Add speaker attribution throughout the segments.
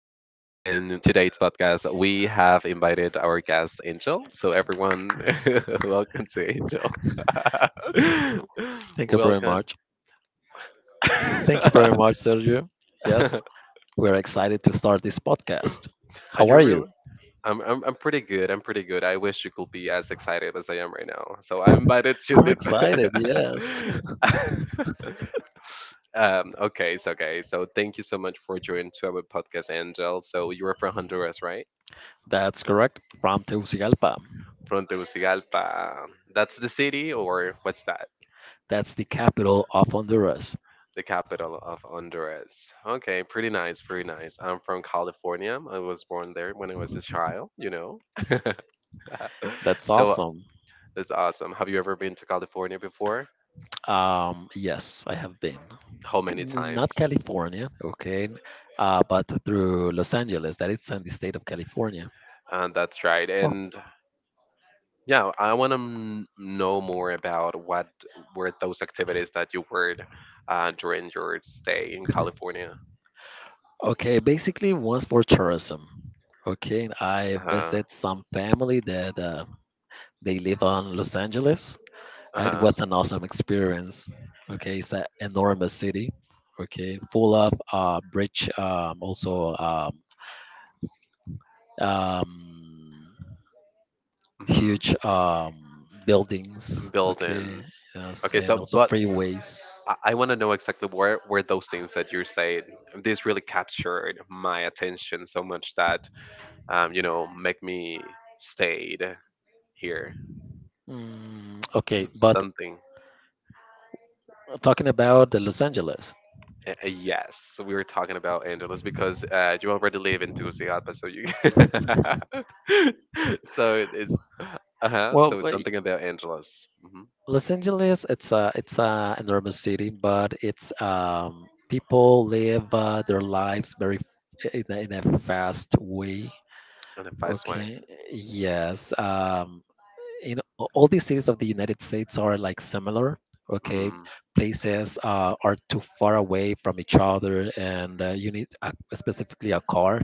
Speaker 1: And today's podcast, we have invited our guest, Angel. So, everyone, welcome to Angel.
Speaker 2: Thank you very
Speaker 1: Welcome.
Speaker 2: much. Thank you
Speaker 1: Are
Speaker 2: very much, Sergio. Yes, we're excited to start this podcast. How are
Speaker 1: you
Speaker 2: you?
Speaker 1: really? I'm pretty good. I'm pretty good. I wish you could be as excited as I am right now. So, I'm invited to
Speaker 2: I'm excited,
Speaker 1: the.
Speaker 2: yes.
Speaker 1: Okay. So, thank you so much for joining to our podcast, Angel. So, you are from Honduras, right?
Speaker 2: That's correct, from Tegucigalpa.
Speaker 1: From Tegucigalpa. That's the city, or what's that?
Speaker 2: That's the capital of Honduras.
Speaker 1: The capital of Honduras. Okay, pretty nice, pretty nice. I'm from California. I was born there when I was a child, you know.
Speaker 2: That's
Speaker 1: So
Speaker 2: awesome.
Speaker 1: that's awesome. Have you ever been to California before?
Speaker 2: Yes, I have been.
Speaker 1: How many
Speaker 2: Not
Speaker 1: times?
Speaker 2: California. Okay, but through Los Angeles. That it's in the state of California.
Speaker 1: And that's right.
Speaker 2: Well,
Speaker 1: And yeah, I want to know more about what were those activities that you were during your stay in California.
Speaker 2: okay, basically was for tourism. Okay, I
Speaker 1: Uh-huh.
Speaker 2: visit some family that they live on Los Angeles. It
Speaker 1: Uh-huh.
Speaker 2: was an awesome experience. Okay, it's an enormous city. Okay, full of bridge, also um,
Speaker 1: Hmm.
Speaker 2: huge buildings. Okay,
Speaker 1: Buildings.
Speaker 2: yes,
Speaker 1: Okay,
Speaker 2: and
Speaker 1: so
Speaker 2: also
Speaker 1: but
Speaker 2: freeways.
Speaker 1: I want to know exactly where those things that you said. This really captured my attention so much that you know, make me stayed here.
Speaker 2: Okay, but
Speaker 1: Something.
Speaker 2: talking about the Los Angeles.
Speaker 1: Yes, we were talking about Angeles because you already live in Tegucigalpa, so you. So it's uh huh. So
Speaker 2: Well,
Speaker 1: it's something about Angeles. Hmm.
Speaker 2: Los Angeles, it's a enormous city, but it's people live their lives very in a fast way.
Speaker 1: In a fast way.
Speaker 2: Okay, yes. All these cities of the United States are like similar. Okay,
Speaker 1: Mhm.
Speaker 2: places are too far away from each other, and you need specifically a car.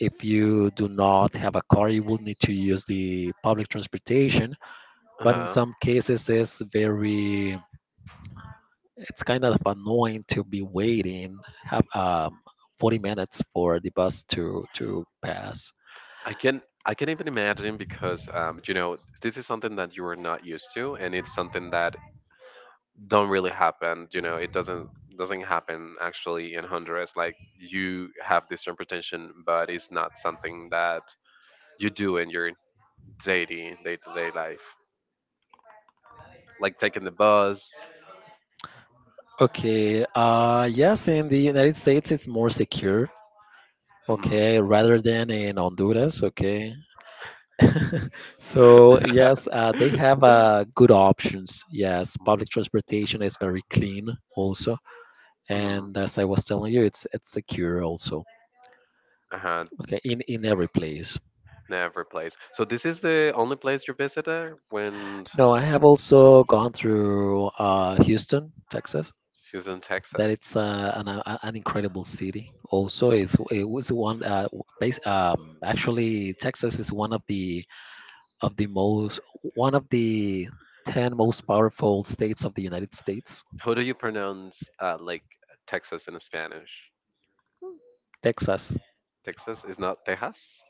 Speaker 2: If you do not have a car, you will need to use the public transportation. But in
Speaker 1: Uh-huh.
Speaker 2: some cases, it's kind of annoying to be waiting have 40 minutes for the bus to pass.
Speaker 1: I can even imagine because you know, this is something that you are not used to, and it's something that don't really happen. You know, it doesn't happen actually in Honduras. Like you have this reputation, but it's not something that you do in your daily day to day life, like taking the bus.
Speaker 2: Okay. Yes, in the United States it's more secure.
Speaker 1: Mhm.
Speaker 2: Okay, rather than in Honduras, okay. So, yes, they have good options. Yes, public transportation is very clean also.
Speaker 1: Hmm.
Speaker 2: And as I was telling you, it's secure also.
Speaker 1: Uh-huh.
Speaker 2: Okay, in every place.
Speaker 1: Never place. So this is the only place you visited when
Speaker 2: No, I have also gone through Houston, Texas.
Speaker 1: she was in Texas.
Speaker 2: That it's an incredible city. Also, it was one base. Actually, Texas is one of the of the most one of the 10 most powerful states of the United States.
Speaker 1: How do you pronounce like Texas in Spanish?
Speaker 2: Texas.
Speaker 1: Texas is not Texas.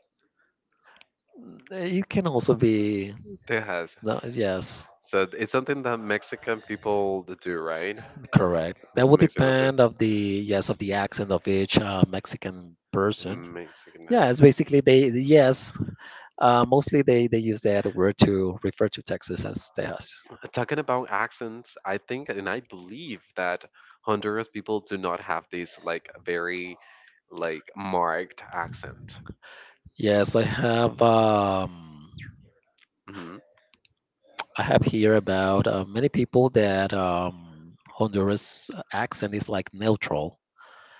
Speaker 2: Mm, It can also be.
Speaker 1: It has
Speaker 2: No, yes,
Speaker 1: So it's something that Mexican people do, right?
Speaker 2: correct. That would
Speaker 1: Mexican people.
Speaker 2: depend of the, yes, of the accent of each Mexican person.
Speaker 1: Mexican. Okay.
Speaker 2: Yeah, it's basically they yes, mostly they use that word to refer to Texas as Texas.
Speaker 1: Talking about accents, I think and I believe that Honduras people do not have this like very like marked accent.
Speaker 2: Yes,
Speaker 1: Hmm.
Speaker 2: I have here about many people that Honduras accent is like neutral.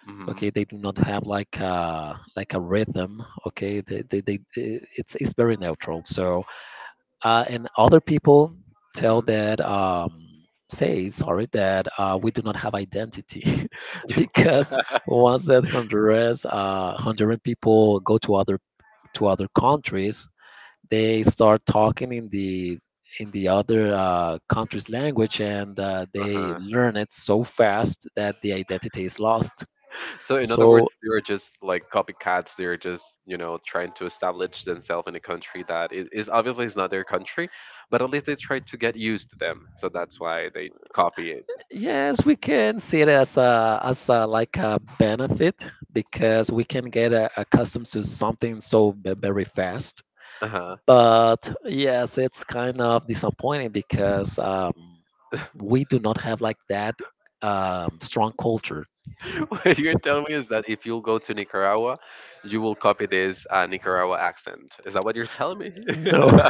Speaker 1: Hmm.
Speaker 2: Okay, they do not have like a rhythm. Okay, they it's very neutral. So, and other people tell
Speaker 1: Hmm.
Speaker 2: that say sorry that we do not have identity because once that Honduras Honduran people go to other countries, they start talking in the other country's language and they
Speaker 1: Uh-huh.
Speaker 2: learn it so fast that the identity is lost.
Speaker 1: So in other
Speaker 2: So,
Speaker 1: words, they are just like copycats. They're just, you know, trying to establish themselves in a country that is obviously is not their country, but at least they try to get used to them. So that's why they copy it.
Speaker 2: yes, we can see it as a like a benefit because we can get accustomed to something so very fast.
Speaker 1: Uh-huh.
Speaker 2: But yes, it's kind of disappointing because we do not have like that strong culture.
Speaker 1: What you're telling me is that if you'll go to Nicaragua, you will copy this Nicaragua accent. Is that what you're telling me?
Speaker 2: No,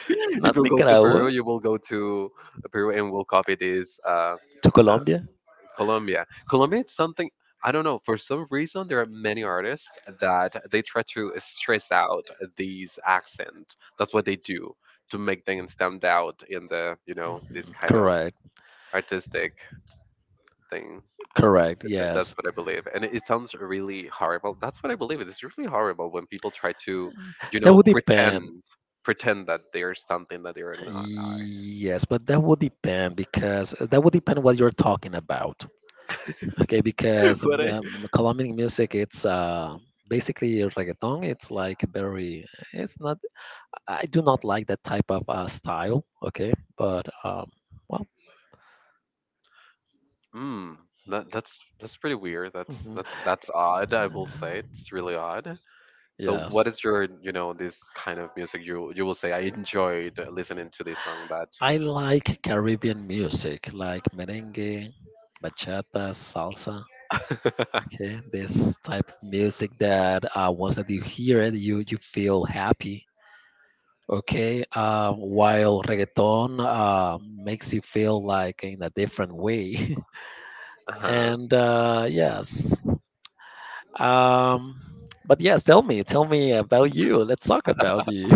Speaker 1: If
Speaker 2: not
Speaker 1: you go to Peru,
Speaker 2: Nicaragua,
Speaker 1: you will go to Peru and will copy this.
Speaker 2: to
Speaker 1: Uh,
Speaker 2: Colombia.
Speaker 1: Colombia. Colombia, it's something I don't know. For some reason, there are many artists that they try to stress out these accent. That's what they do to make them stand out in the, you know, this kind of
Speaker 2: Correct,
Speaker 1: artistic thing.
Speaker 2: correct.
Speaker 1: That's
Speaker 2: Yes,
Speaker 1: what I believe, and it sounds really horrible. That's what I believe. It's really horrible when people try to, you
Speaker 2: that
Speaker 1: know,
Speaker 2: would depend.
Speaker 1: pretend pretend that they're something that they're not. Are
Speaker 2: Yes, but that would depend because that would depend what you're talking about. Okay, because
Speaker 1: what I
Speaker 2: Colombian music, it's basically reggaeton. It's like very, it's not, I do not like that type of style. Okay, but well,
Speaker 1: Mm, that's pretty weird. That's
Speaker 2: mhm,
Speaker 1: that's that's odd, I will say. It's really odd. So
Speaker 2: yes.
Speaker 1: what is your, you know, this kind of music you will say I enjoyed listening to this song that
Speaker 2: I like Caribbean music, like merengue, bachata, salsa. Okay, this type of music that once that you hear it, you feel happy. Okay, while reggaeton makes you feel like in a different way,
Speaker 1: uh-huh.
Speaker 2: and yes, um, but yes, tell me about you. Let's talk about you.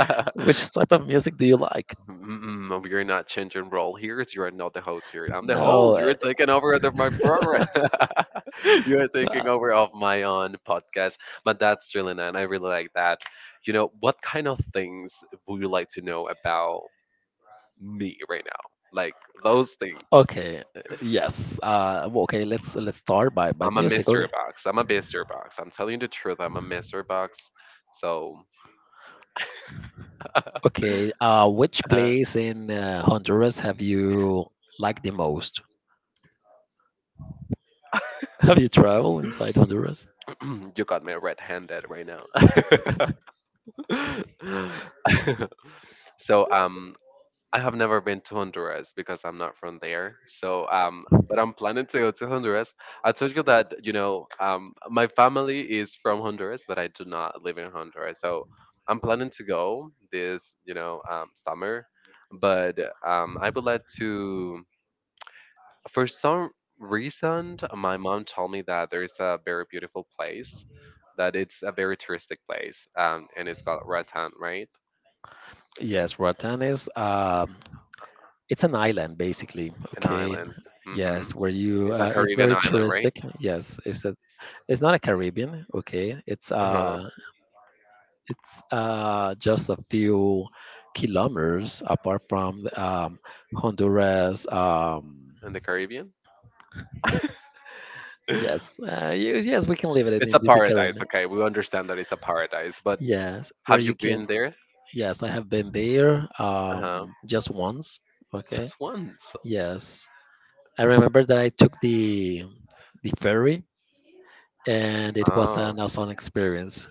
Speaker 2: Which type of music do you like?
Speaker 1: Mm-mm, we are not changing role here. You are not the host here. I'm the
Speaker 2: No,
Speaker 1: host. You're taking over the, my program. You are
Speaker 2: uh,
Speaker 1: taking over of my own podcast. But that's really nice. I really like that. You know, what kind of things would you like to know about me right now. Like those things.
Speaker 2: okay, yes, well, okay. Let's start by
Speaker 1: I'm a
Speaker 2: music.
Speaker 1: mystery
Speaker 2: Okay,
Speaker 1: box. I'm a mystery box. I'm telling you the truth. I'm a mystery box. So
Speaker 2: okay, which
Speaker 1: uh,
Speaker 2: place in Honduras have you liked the most? Have you traveled inside Honduras?
Speaker 1: you got me red-handed right now. so um I have never been to Honduras because I'm not from there. So, but I'm planning to go to Honduras. I told you that, you know, my family is from Honduras, but I do not live in Honduras. So I'm planning to go this, you know, summer. But I would like to, for some reason, my mom told me that there is a very beautiful place, that it's a very touristic place, and it's called Ratán, right?
Speaker 2: Yes, Roatan is it's an island basically.
Speaker 1: An
Speaker 2: Okay,
Speaker 1: island. Hmm.
Speaker 2: yes, where you
Speaker 1: It's a
Speaker 2: it's
Speaker 1: Caribbean
Speaker 2: very
Speaker 1: island, right?
Speaker 2: touristic. Yes, it's not a Caribbean. Okay,
Speaker 1: Uh-huh.
Speaker 2: it's just a few kilometers apart from Honduras.
Speaker 1: In the Caribbean?
Speaker 2: Yes, yes, we can leave it in
Speaker 1: It's a
Speaker 2: the
Speaker 1: paradise,
Speaker 2: Caribbean.
Speaker 1: okay. We understand that it's a paradise, but
Speaker 2: Yes, where
Speaker 1: have you
Speaker 2: you can.
Speaker 1: been there?
Speaker 2: Yes, I have been there
Speaker 1: Uh-huh.
Speaker 2: just once. Okay.
Speaker 1: Just once.
Speaker 2: Yes, I remember that I took the ferry, and it was
Speaker 1: Oh,
Speaker 2: an awesome experience.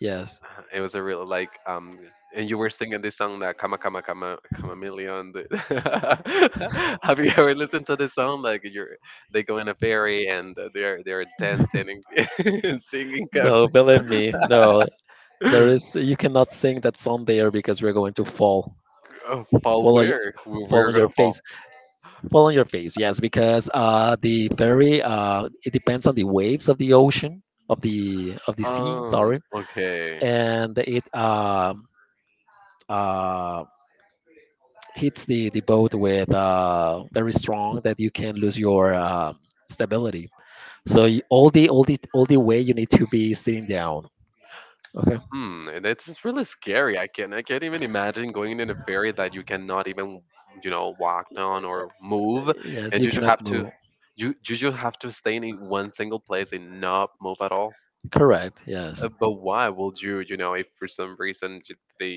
Speaker 2: Yes.
Speaker 1: it was a real like and you were singing this song that "Kama Kama Kama Chameleon." Have you ever listened to this song? Like you're they go in a ferry and they're dancing and, and singing.
Speaker 2: No, believe me, no. There is you cannot sing that song there because you're going to fall,
Speaker 1: Oh, fall
Speaker 2: fall on your,
Speaker 1: where? we
Speaker 2: fall
Speaker 1: we're
Speaker 2: on your
Speaker 1: gonna fall?
Speaker 2: face, fall on your face. Yes, because the ferry it depends on the waves of the ocean of the sea. Sorry,
Speaker 1: Okay.
Speaker 2: and it uh, hits the boat with very strong that you can lose your stability. So all the way you need to be sitting down. Okay.
Speaker 1: Hmm, and it's really scary. I can't even imagine going in a ferry that you cannot even, you know, walk on or move,
Speaker 2: Yes,
Speaker 1: and
Speaker 2: you
Speaker 1: you just
Speaker 2: cannot
Speaker 1: have to
Speaker 2: move.
Speaker 1: you just have to stay in one single place and not move at all.
Speaker 2: Correct. Yes,
Speaker 1: But why would you, you know, if for some reason the,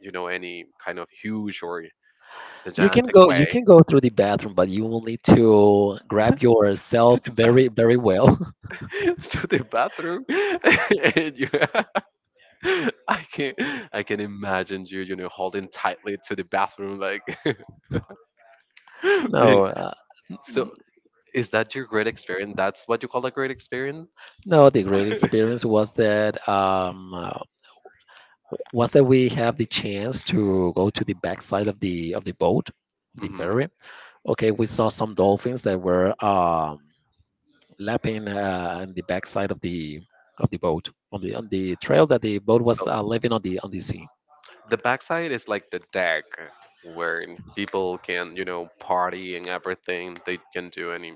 Speaker 1: you know, any kind of huge or
Speaker 2: you can
Speaker 1: gigantic
Speaker 2: go. You
Speaker 1: way
Speaker 2: can go through the bathroom, but you will need to grab yourself very very well.
Speaker 1: to the bathroom and you I can I can imagine you, you know, holding tightly to the bathroom like the-
Speaker 2: No.
Speaker 1: so Is that your great experience? That's what you call a great experience?
Speaker 2: No, the great experience was that we have the chance to go to the backside of the boat, of the
Speaker 1: Hmm.
Speaker 2: ferry. Okay, we saw some dolphins that were lapping in the backside of the boat on the trail that the boat was
Speaker 1: So
Speaker 2: leaving on the sea.
Speaker 1: the backside is like the deck where people can, you know, party and everything. They can do any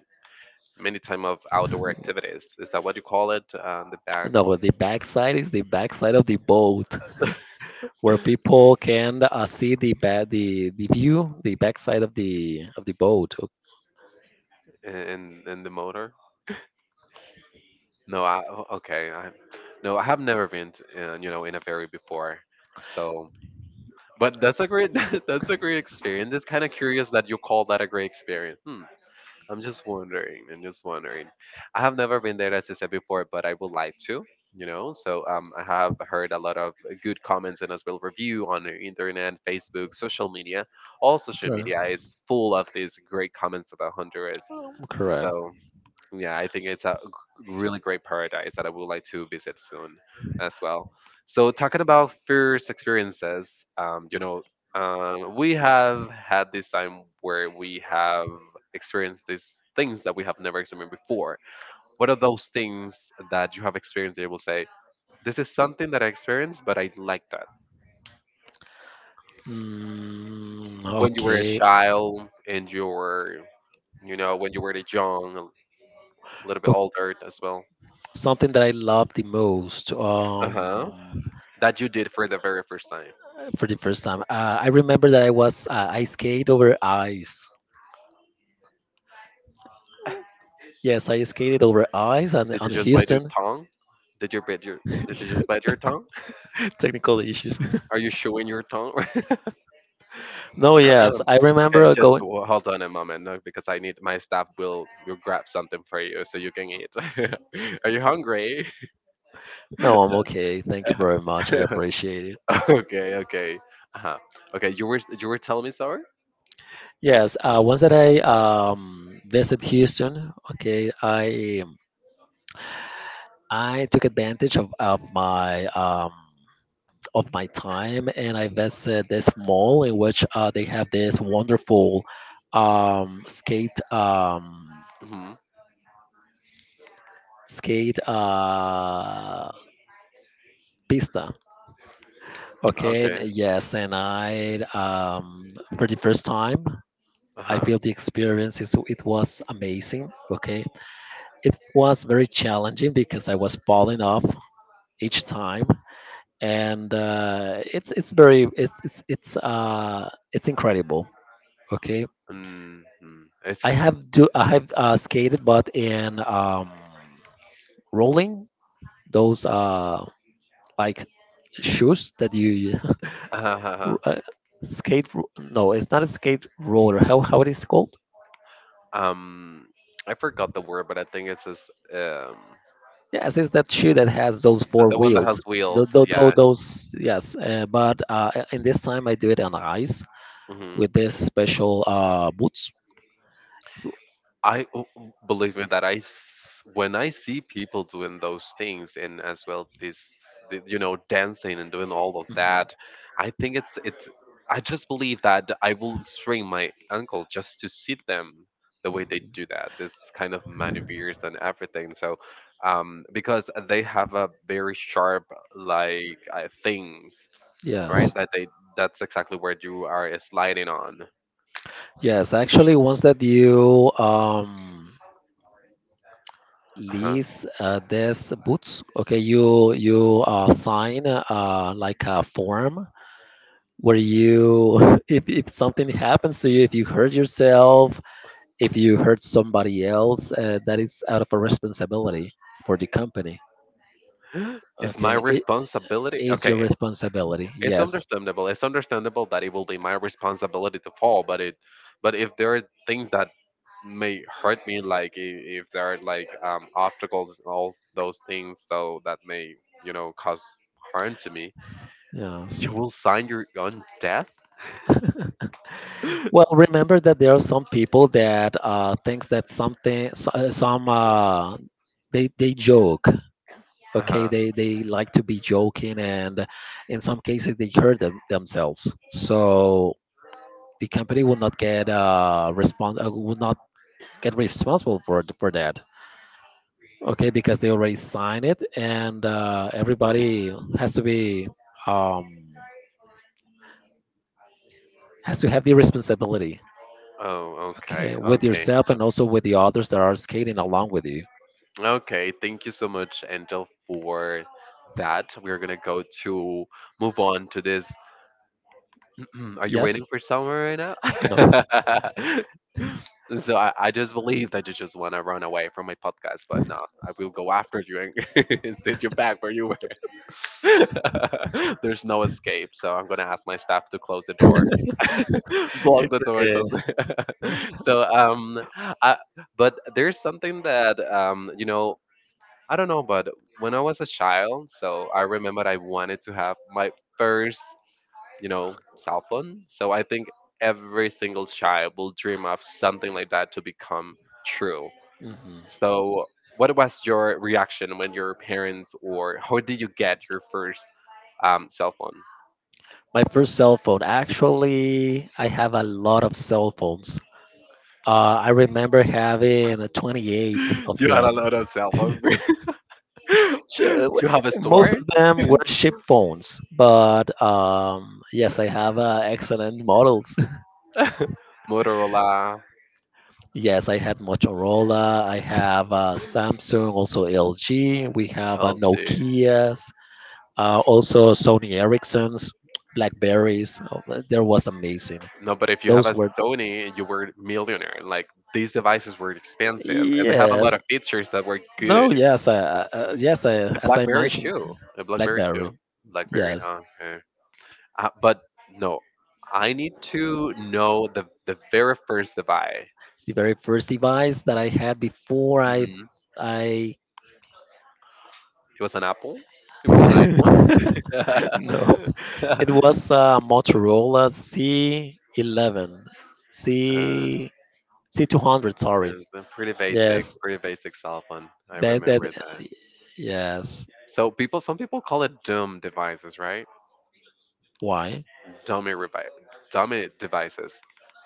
Speaker 1: many time of outdoor activities. Is that what you call it? The back
Speaker 2: No, the backside is the backside of the boat where people can see the view, the backside of the boat.
Speaker 1: and the motor? No, okay. I No, I have never been, to, you know, in a ferry before. So, but that's a great that's a great experience. It's kind of curious that you call that a great experience. Hmm. I'm just wondering. I'm just wondering. I have never been there, as I said before, but I would like to. You know, so I have heard a lot of good comments and as well review on the internet, Facebook, social media. All social
Speaker 2: Correct.
Speaker 1: media is full of these great comments about Honduras.
Speaker 2: Correct.
Speaker 1: So yeah, I think it's a really great paradise that I would like to visit soon as well. So, talking about first experiences, you know, we have had this time where we have experienced these things that we have never experienced before. What are those things that you have experienced that you will say, this is something that I experienced, but I like that? When you were a
Speaker 2: Okay.
Speaker 1: child and you were, you know, when you were a young, a little bit
Speaker 2: O-
Speaker 1: older as well.
Speaker 2: Something that I love the most.
Speaker 1: Uh huh. That you did for the very first time.
Speaker 2: For the first time, I remember that I skate over ice. Yes, I skated over ice and
Speaker 1: Did you
Speaker 2: on
Speaker 1: just bite your
Speaker 2: Houston.
Speaker 1: tongue? Did you bite your Did you just
Speaker 2: Yes.
Speaker 1: bite your tongue?
Speaker 2: Technical issues.
Speaker 1: Are you showing your tongue?
Speaker 2: No, yes, I remember
Speaker 1: Okay, just
Speaker 2: going.
Speaker 1: hold on a moment, no, because I need my staff will grab something for you so you can eat. Are you hungry?
Speaker 2: No, I'm okay. Thank you very much. I appreciate it.
Speaker 1: Okay, okay. Uh huh. Okay, you were telling me sorry.
Speaker 2: Yes, once that I visit Houston. Okay, I took advantage of my time and I visited this mall in which they have this wonderful um, skate um,
Speaker 1: Hmm.
Speaker 2: skate pista. Okay, and
Speaker 1: Okay.
Speaker 2: yes, and I for the first time
Speaker 1: Uh
Speaker 2: I
Speaker 1: huh.
Speaker 2: feel the experience is it was amazing. Okay, it was very challenging because I was falling off each time. And it's very it's incredible. Okay,
Speaker 1: Mm-hmm. It's
Speaker 2: I have skated, but in rolling those like shoes that you
Speaker 1: uh-huh. uh-huh.
Speaker 2: r- uh, skate. No, it's not a skate roller. How it is called?
Speaker 1: Um, I forgot the word, but I think it's this um
Speaker 2: Yes, it's that shoe that has those
Speaker 1: the
Speaker 2: four
Speaker 1: one that has
Speaker 2: wheels.
Speaker 1: wheels.
Speaker 2: Those,
Speaker 1: Yeah.
Speaker 2: those, yes. But in this time, I do it on ice
Speaker 1: Hmm.
Speaker 2: with this special boots. It w-
Speaker 1: I, oh, oh, believe me that when I see people doing those things and as well this the, you know, dancing and doing all of
Speaker 2: mhm.
Speaker 1: that, I think it's I just believe that I will strain my ankle just to see them the way they do that. This kind of maneuvers and everything. So because they have a very sharp like things right?
Speaker 2: Yes.
Speaker 1: That they that's exactly where you are sliding on.
Speaker 2: Yes, actually, once that you
Speaker 1: Uh-huh.
Speaker 2: lease this boots. Okay, you sign like a form where you if something happens to you, if you hurt yourself, if you hurt somebody else, that is out of a responsibility for the company.
Speaker 1: It's my
Speaker 2: Okay, it
Speaker 1: responsibility.
Speaker 2: is
Speaker 1: Okay,
Speaker 2: your responsibility.
Speaker 1: it's
Speaker 2: Yes,
Speaker 1: understandable. It's understandable that it will be my responsibility to fall, but it, but if there are things that may hurt me, like if there are like obstacles and all those things, so that may, you know, cause harm to me,
Speaker 2: yes.
Speaker 1: you will sign your own death.
Speaker 2: Well, remember that there are some people that thinks that something, so- some they joke. Okay,
Speaker 1: Uh,
Speaker 2: they like to be joking and in some cases they hurt themselves. So the company will not get responsible for for that. Okay, because they already signed it. And everybody um has to have the responsibility.
Speaker 1: oh,
Speaker 2: Okay,
Speaker 1: okay,
Speaker 2: with
Speaker 1: okay,
Speaker 2: yourself
Speaker 1: so-
Speaker 2: and also with the others that are skating along with you.
Speaker 1: okay. Thank you so much, Angel, for that. We're gonna go to move on to this. Are you
Speaker 2: Yes.
Speaker 1: waiting for someone right now?
Speaker 2: No.
Speaker 1: So I just believe that you just want to run away from my podcast, but no, I will go after you and, and send you back where you were. There's no escape, so I'm gonna ask my staff to close the door. Block
Speaker 2: It's
Speaker 1: the doors
Speaker 2: okay.
Speaker 1: also. so um I, but there's something that I don't know, but when I was a child, so I remember I wanted to have my first cell phone. So I think every single child will dream of something like that to become true.
Speaker 2: Hmm.
Speaker 1: So what was your reaction when your parents, or how did you get your first cell
Speaker 2: My first cell phone. Actually, I have a lot of cell phones. I remember having 28
Speaker 1: phone?
Speaker 2: of
Speaker 1: You had
Speaker 2: them.
Speaker 1: a lot of cell phone.
Speaker 2: Yes. Sure.
Speaker 1: Do you have a
Speaker 2: Most
Speaker 1: store?
Speaker 2: of them were ship phones, but yes, I have excellent models.
Speaker 1: Motorola,
Speaker 2: Yes, I had Motorola. I have Samsung, also LG. We have
Speaker 1: LG.
Speaker 2: Nokia's, also Sony Ericsson's, Blackberries. Oh, but there was amazing.
Speaker 1: No, but if you have
Speaker 2: Those
Speaker 1: a
Speaker 2: were.
Speaker 1: Sony, you were millionaire. Like these devices were expensive, and they have a lot of
Speaker 2: Yes,
Speaker 1: features that were good.
Speaker 2: no, yes, yes,
Speaker 1: The
Speaker 2: as I
Speaker 1: BlackBerry
Speaker 2: mentioned,
Speaker 1: too. The BlackBerry
Speaker 2: BlackBerry.
Speaker 1: too. BlackBerry.
Speaker 2: Yes,
Speaker 1: Huh, okay. But no, I need to know the very first device.
Speaker 2: the very first device that I had before
Speaker 1: Hmm.
Speaker 2: I.
Speaker 1: It was an Apple. It
Speaker 2: No,
Speaker 1: was an iPhone.
Speaker 2: it was Motorola C11,
Speaker 1: Uh,
Speaker 2: C C200. Sorry.
Speaker 1: It's a
Speaker 2: Yes,
Speaker 1: pretty basic cell phone. I
Speaker 2: that.
Speaker 1: remember that.
Speaker 2: Yes.
Speaker 1: So people, some people call it dumb devices, right?
Speaker 2: Why?
Speaker 1: Dummy revi- Dummy devices.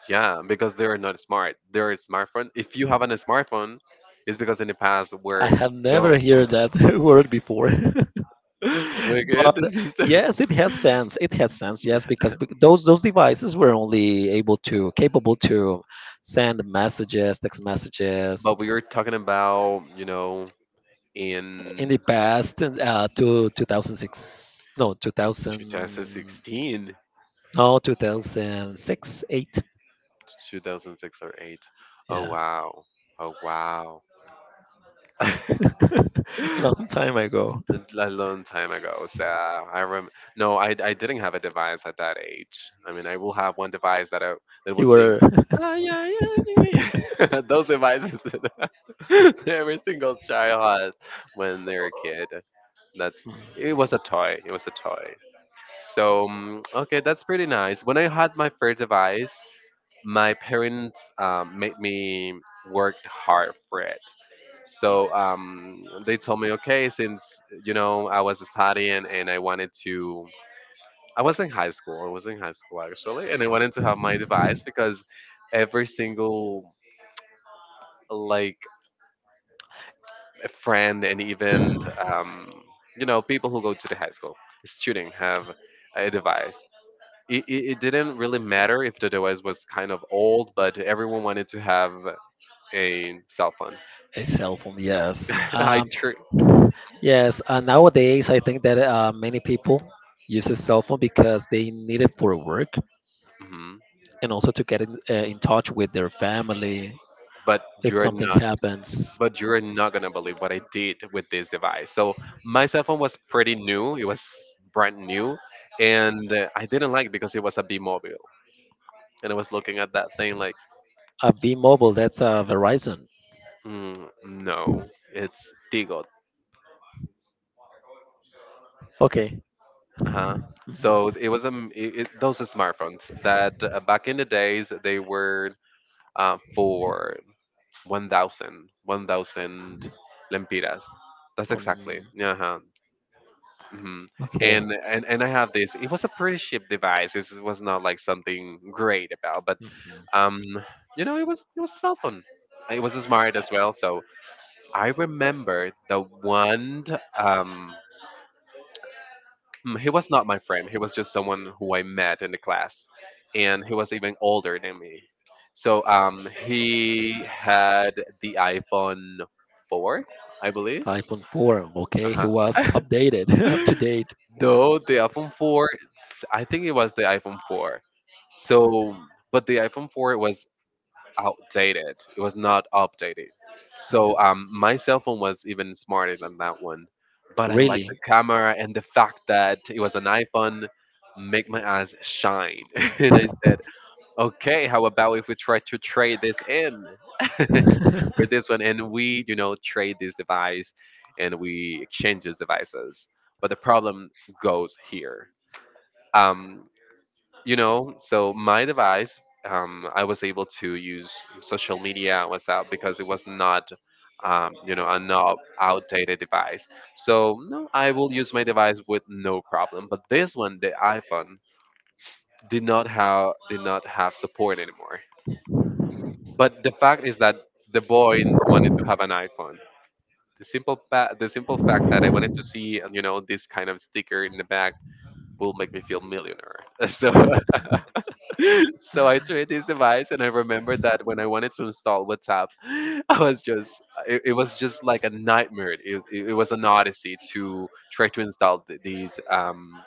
Speaker 1: Yeah, because they are not smart. They're a smartphone. If you have a smartphone, it's because in the past
Speaker 2: I
Speaker 1: we're
Speaker 2: have never
Speaker 1: dumb.
Speaker 2: heard that word before.
Speaker 1: We're good.
Speaker 2: But
Speaker 1: This is the—
Speaker 2: yes, it has sense. Yes, because those devices were only able to capable to send messages, text messages,
Speaker 1: but we were talking about
Speaker 2: in the
Speaker 1: in
Speaker 2: past to 2006, no, 2000,
Speaker 1: 2016.
Speaker 2: no, 2006, 8.
Speaker 1: 2006 or 8. Oh
Speaker 2: Yeah.
Speaker 1: wow. Oh wow.
Speaker 2: Long time ago.
Speaker 1: A long time ago. So I rem No, I didn't have a device at that age. I mean, I will have one device that will
Speaker 2: You
Speaker 1: sing,
Speaker 2: were.
Speaker 1: "Ay, yeah, yeah, yeah. Those devices that— every single child has when they're a kid. That's It was a toy. It was a toy. So, okay, that's pretty nice. When I had my first device, my parents made me work hard for it. So they told me, okay, since I was studying and I was in high school. I was in high school, actually, and I wanted to have my device because every single, like, friend, and even um, people who go to the high school student have a device. It didn't really matter if the device was kind of old, but everyone wanted to have a cell phone.
Speaker 2: A cell phone, yes.
Speaker 1: I tr-
Speaker 2: Yes, nowadays I think that many people use a cell phone because they need it for work
Speaker 1: Mhm.
Speaker 2: and also to get in touch with their family
Speaker 1: but
Speaker 2: if
Speaker 1: you're
Speaker 2: something
Speaker 1: not
Speaker 2: happens.
Speaker 1: but you're not gonna believe what I did with this device. So my cell phone was pretty new. It was brand new, and I didn't like it because it was a B mobile, and I was looking at that thing like,
Speaker 2: Be Mobile, that's Verizon.
Speaker 1: no, it's Tigo,
Speaker 2: Okay.
Speaker 1: huh?
Speaker 2: Mhm.
Speaker 1: So it was it, it, Those are smartphones that back in the days they were for 1,000, one thousand 1,000 lempiras. That's exactly,
Speaker 2: Um,
Speaker 1: yeah. Huh. Hmm.
Speaker 2: okay.
Speaker 1: And I have this. It was a pretty cheap device. It was not like something great about, but
Speaker 2: Mhm.
Speaker 1: um, it was a cell phone. It was smart as well. So I remember the one. Um, he was not my friend. He was just someone who I met in the class, and he was even older than me. So he had the iPhone four, I believe.
Speaker 2: iPhone 4. Okay, he
Speaker 1: Uh
Speaker 2: was updated, up to
Speaker 1: huh.
Speaker 2: date.
Speaker 1: No, the iPhone 4. I think it was the iPhone 4. So, but the iPhone 4 was outdated. It was not updated.
Speaker 2: Oh.
Speaker 1: So, my cell phone was even smarter than that one. But I like
Speaker 2: Really?
Speaker 1: the camera and the fact that it was an iPhone make my eyes shine. And I said, okay, how about if we try to trade this in, for this one? And we, trade this device, and we exchange these devices. But the problem goes here. um, so my device— I was able to use social media, WhatsApp, because it was not a not outdated device. So no, I will use my device with no problem. But this one, the iPhone, did not have support anymore. But the fact is that the boy wanted to have an iPhone. The simple fact that I wanted to see this kind of sticker in the back will make me feel millionaire. So, so I tried this device, and I remember that when I wanted to install WhatsApp, I was just it, it was just like a nightmare. It was an odyssey to try to install these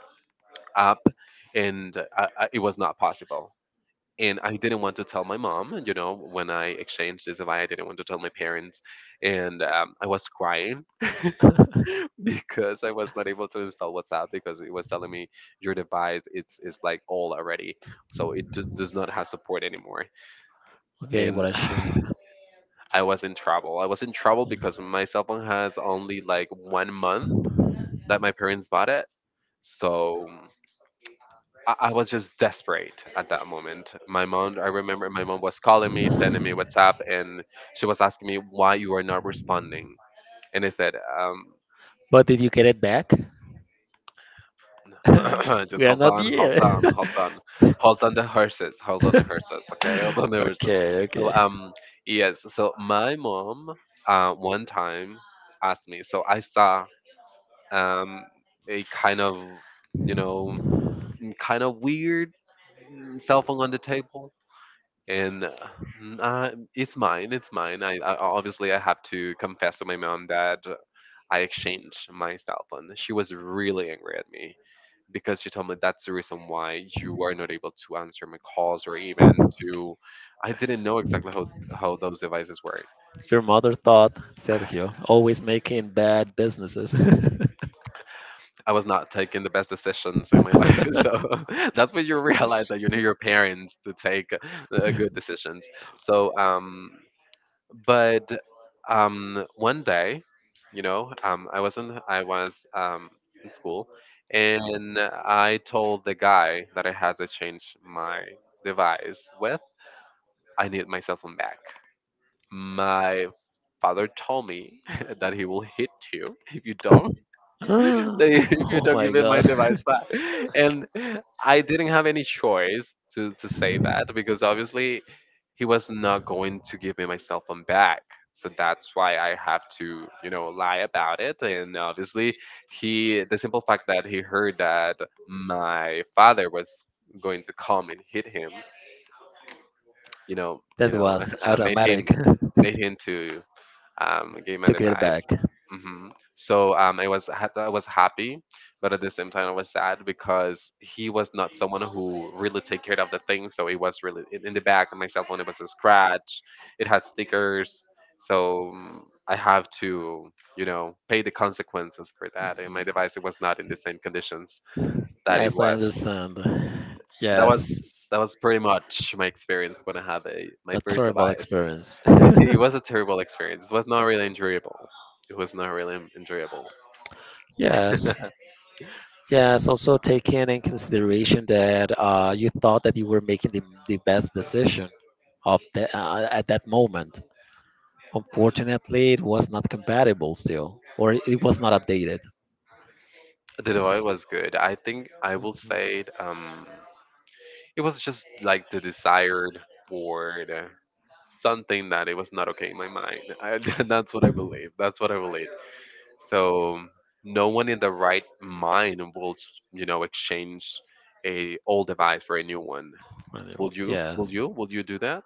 Speaker 1: app, and it was not possible. And I didn't want to tell my mom, and, when I exchanged this device, I didn't want to tell my parents. And I was crying, because I was not able to install WhatsApp because it was telling me your device, it's like old already, so it just does not have support anymore.
Speaker 2: Okay,
Speaker 1: And
Speaker 2: what a shame.
Speaker 1: I was in trouble. I was in trouble because my cell phone has only like one month that my parents bought it. So I was just desperate at that moment. My mom— I remember my mom was calling me, sending me WhatsApp, and she was asking me why you are not responding. And I said, um,
Speaker 2: But did you get it back?
Speaker 1: just
Speaker 2: We are
Speaker 1: hold
Speaker 2: not
Speaker 1: on, hold
Speaker 2: here.
Speaker 1: on, hold on, hold on the horses, hold on the horses, okay, hold on the horses.
Speaker 2: Okay, okay.
Speaker 1: So yes, so my mom one time asked me. So I saw um, a kind of you know kind of weird, cell phone on the table, and it's mine, it's mine. I Obviously, I have to confess to my mom that I exchanged my cell phone. She was really angry at me because she told me that's the reason why you are not able to answer my calls, or even to— I didn't know exactly how those devices work.
Speaker 2: Your mother thought Sergio always making bad businesses.
Speaker 1: I was not taking the best decisions in my life. So, that's when you realize that you need your parents to take good decisions. So, but one day, I was in school, and I told the guy that I had to change my device with. I need my cell phone back. My father told me that he will hit you if you don't, if you
Speaker 2: Oh
Speaker 1: don't
Speaker 2: my
Speaker 1: give me my
Speaker 2: god.
Speaker 1: device back. And I didn't have any choice to say that, because obviously he was not going to give me my cell phone back. So that's why I have to, lie about it. And obviously, he the simple fact that he heard that my father was going to come and hit him, you know, you
Speaker 2: That
Speaker 1: know,
Speaker 2: was
Speaker 1: made him
Speaker 2: automatic.
Speaker 1: made him to gave my
Speaker 2: Took it
Speaker 1: advice.
Speaker 2: back.
Speaker 1: Hmm. So I was happy, but at the same time I was sad because he was not someone who really take care of the things. So it was really in the back of my cell phone. It was a scratch. It had stickers. So, I have to, pay the consequences for that. And
Speaker 2: Mhm.
Speaker 1: my device, it was not in the same conditions that it
Speaker 2: Yes, I
Speaker 1: was.
Speaker 2: understand.
Speaker 1: That was
Speaker 2: Yes,
Speaker 1: that was pretty much my experience when I have a my
Speaker 2: a
Speaker 1: first
Speaker 2: terrible
Speaker 1: device.
Speaker 2: experience.
Speaker 1: It was a terrible experience. It was not really enjoyable. It was not really enjoyable.
Speaker 2: Yes, yes. Also taking in consideration that you thought that you were making the best decision of at that moment. Unfortunately, it was not compatible still, or it was not updated.
Speaker 1: The Dubai
Speaker 2: S-
Speaker 1: was good. I think I will
Speaker 2: mhm.
Speaker 1: say it. It was just like the desired word, something that it was not okay in my mind. That's what I believe. That's what I believe. So no one in the right mind will, exchange a old device for a new one. Will
Speaker 2: Anyway,
Speaker 1: you? Will
Speaker 2: yes,
Speaker 1: you? Will you do that?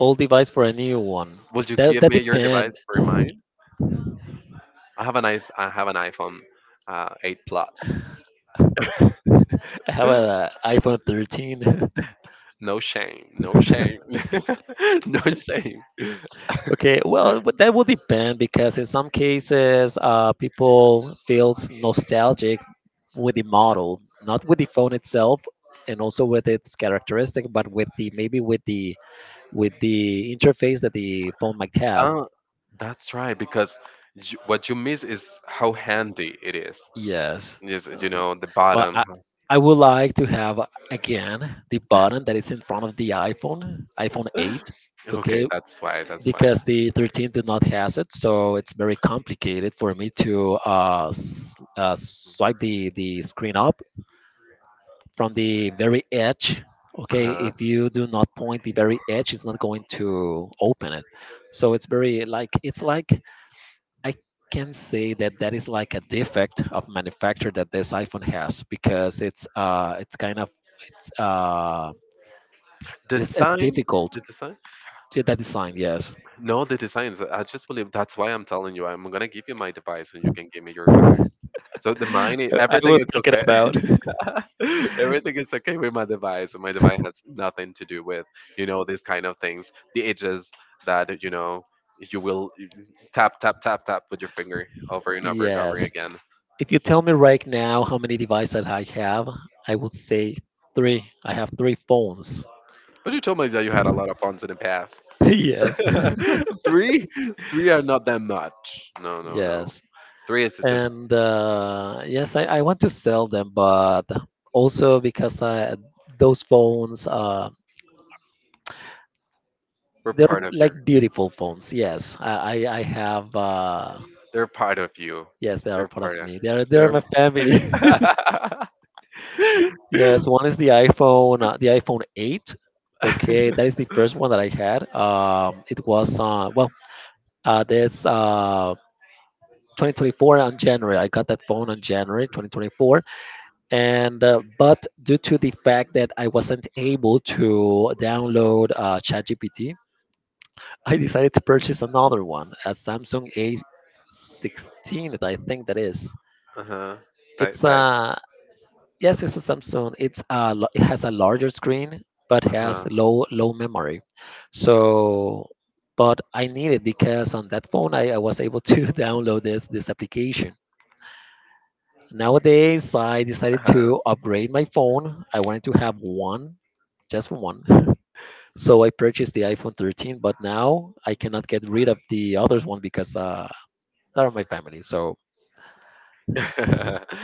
Speaker 2: old device for a new one.
Speaker 1: Will you
Speaker 2: That
Speaker 1: give
Speaker 2: that
Speaker 1: me your
Speaker 2: depend.
Speaker 1: device for mine? I have an iPhone 8 Plus.
Speaker 2: I have an iPhone 13.
Speaker 1: No shame, no shame, no shame.
Speaker 2: Okay, well, but that will depend because in some cases, people feels nostalgic with the model, not with the phone itself, and also with its characteristic, but with the maybe with the interface that the phone might have.
Speaker 1: Uh, that's right, because what you miss is how handy it is.
Speaker 2: Yes.
Speaker 1: Yes,
Speaker 2: Uh,
Speaker 1: you know, the
Speaker 2: Well,
Speaker 1: bottom.
Speaker 2: I would like to have again the button that is in front of the iPhone 8.
Speaker 1: Okay,
Speaker 2: Okay,
Speaker 1: that's why. That's why.
Speaker 2: because the 13 do not has it, so it's very complicated for me to swipe the screen up from the very edge. Okay,
Speaker 1: Uh-huh.
Speaker 2: if you do not point the very edge, it's not going to open it. So it's very like, it's like I can say that that is like a defect of manufacture that this iPhone has, because it's kind of it's uh
Speaker 1: The
Speaker 2: it's
Speaker 1: design,
Speaker 2: difficult
Speaker 1: the design.
Speaker 2: to that design. Yes.
Speaker 1: No, the designs. I just believe that's why I'm telling you. I'm gonna give you my device, and you can give me your back.
Speaker 2: I
Speaker 1: Everything
Speaker 2: was
Speaker 1: is
Speaker 2: thinking
Speaker 1: okay.
Speaker 2: about.
Speaker 1: Everything is okay with my device. My device has nothing to do with these kind of things. The edges that you will tap, tap, tap, tap with your finger over and over and over
Speaker 2: Yes.
Speaker 1: again.
Speaker 2: If you tell me right now how many devices I have, I would say three. I have three phones.
Speaker 1: But you told me that you had a lot of phones in the past.
Speaker 2: Yes.
Speaker 1: Three, three are not that much. No, no, no.
Speaker 2: Yes.
Speaker 1: Three is just—
Speaker 2: And yes, I want to sell them, but also because I, those phones,
Speaker 1: We're part
Speaker 2: they're
Speaker 1: of your—
Speaker 2: like beautiful phones. Yes, I have.
Speaker 1: They're part of you.
Speaker 2: Yes, they are
Speaker 1: They're
Speaker 2: part of
Speaker 1: part of—
Speaker 2: me. They're
Speaker 1: They're—
Speaker 2: my family.
Speaker 1: uh
Speaker 2: Yes, one is the iPhone 8. Okay, that is the first one that I had. It was well, this 2024 on January. I got that phone on January 2024, and but due to the fact that I wasn't able to download ChatGPT, I decided to purchase another one, a Samsung A16. I think that is.
Speaker 1: huh. That,
Speaker 2: It's
Speaker 1: that—
Speaker 2: a. Yes, it's a Samsung. It has a larger screen, but
Speaker 1: Uh
Speaker 2: has
Speaker 1: huh.
Speaker 2: low memory. So, but I need it because on that phone I was able to download this application. Nowadays, I
Speaker 1: Uh
Speaker 2: decided
Speaker 1: huh.
Speaker 2: to upgrade my phone. I wanted to have one, just one. So I purchased the iPhone 13, but now I cannot get rid of the others one because they're my family, so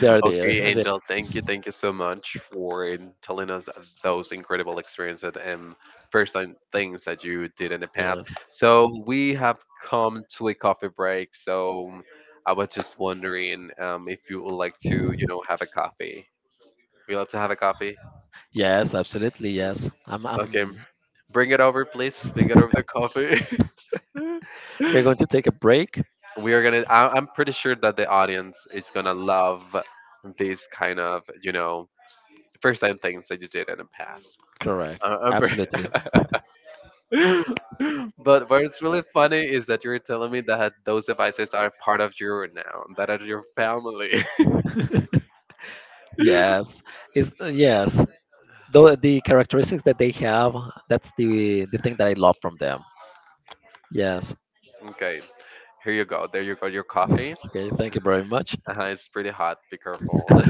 Speaker 2: they are there.
Speaker 1: Okay,
Speaker 2: And they-
Speaker 1: Angel, thank you.
Speaker 2: yes,
Speaker 1: Thank you so much for telling us those incredible experiences and first time things that you did in the past.
Speaker 2: yes.
Speaker 1: So we have come to a coffee break. So I was just wondering if you would like to, have a coffee. We love to have a coffee.
Speaker 2: Yes, absolutely. Yes.
Speaker 1: Okay,
Speaker 2: I'm,
Speaker 1: bring it over, please. Bring it over the coffee.
Speaker 2: we're going to take a break.
Speaker 1: We are gonna— I'm pretty sure that the audience is gonna love these kind of, first time things that you did in the past.
Speaker 2: Correct.
Speaker 1: I
Speaker 2: Absolutely.
Speaker 1: But what's really funny is that you're telling me that those devices are part of you now, that are your family.
Speaker 2: Yes. Is yes. Though the characteristics that they have, that's the thing that I love from them. Yes.
Speaker 1: Okay, here you go. There you go. Your coffee.
Speaker 2: Okay. Thank you very much.
Speaker 1: Uh-huh, it's pretty hot. Be careful.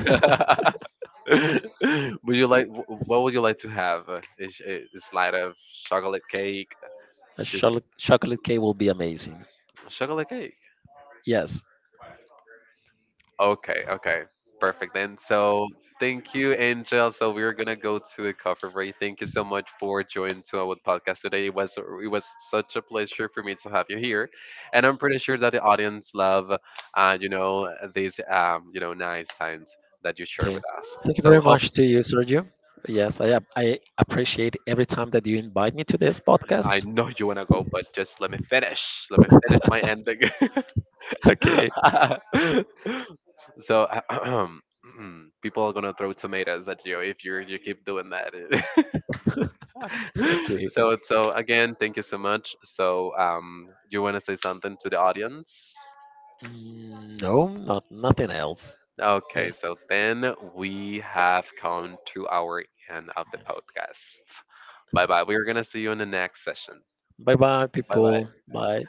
Speaker 1: would you like? Wh- What would you like to have? Is a slide of chocolate cake?
Speaker 2: A
Speaker 1: Just
Speaker 2: chocolate chocolate cake will be amazing.
Speaker 1: chocolate cake.
Speaker 2: Yes.
Speaker 1: Okay, okay. Perfect then. So thank you, Angel. So we're gonna go to a coffee break. Thank you so much for joining to our podcast today. It was such a pleasure for me to have you here, and I'm pretty sure that the audience love, these nice times that you share
Speaker 2: Okay.
Speaker 1: with us.
Speaker 2: Thank you
Speaker 1: So
Speaker 2: very
Speaker 1: hope
Speaker 2: much to you, Sergio. Yes, I appreciate every time that you invite me to this
Speaker 1: I
Speaker 2: podcast.
Speaker 1: know you wanna go, but just let me finish. Let me finish my ending.
Speaker 2: Okay.
Speaker 1: So, people are gonna throw tomatoes at you if you keep doing that.
Speaker 2: Okay.
Speaker 1: So again, thank you so much. So you wanna say something to the audience?
Speaker 2: Mm, no, not nothing else.
Speaker 1: Okay,
Speaker 2: Okay.
Speaker 1: so then we have come to our end of the podcast. Bye bye. We're gonna see you in the next session.
Speaker 2: Bye bye
Speaker 1: Bye
Speaker 2: people.
Speaker 1: bye.
Speaker 2: Bye.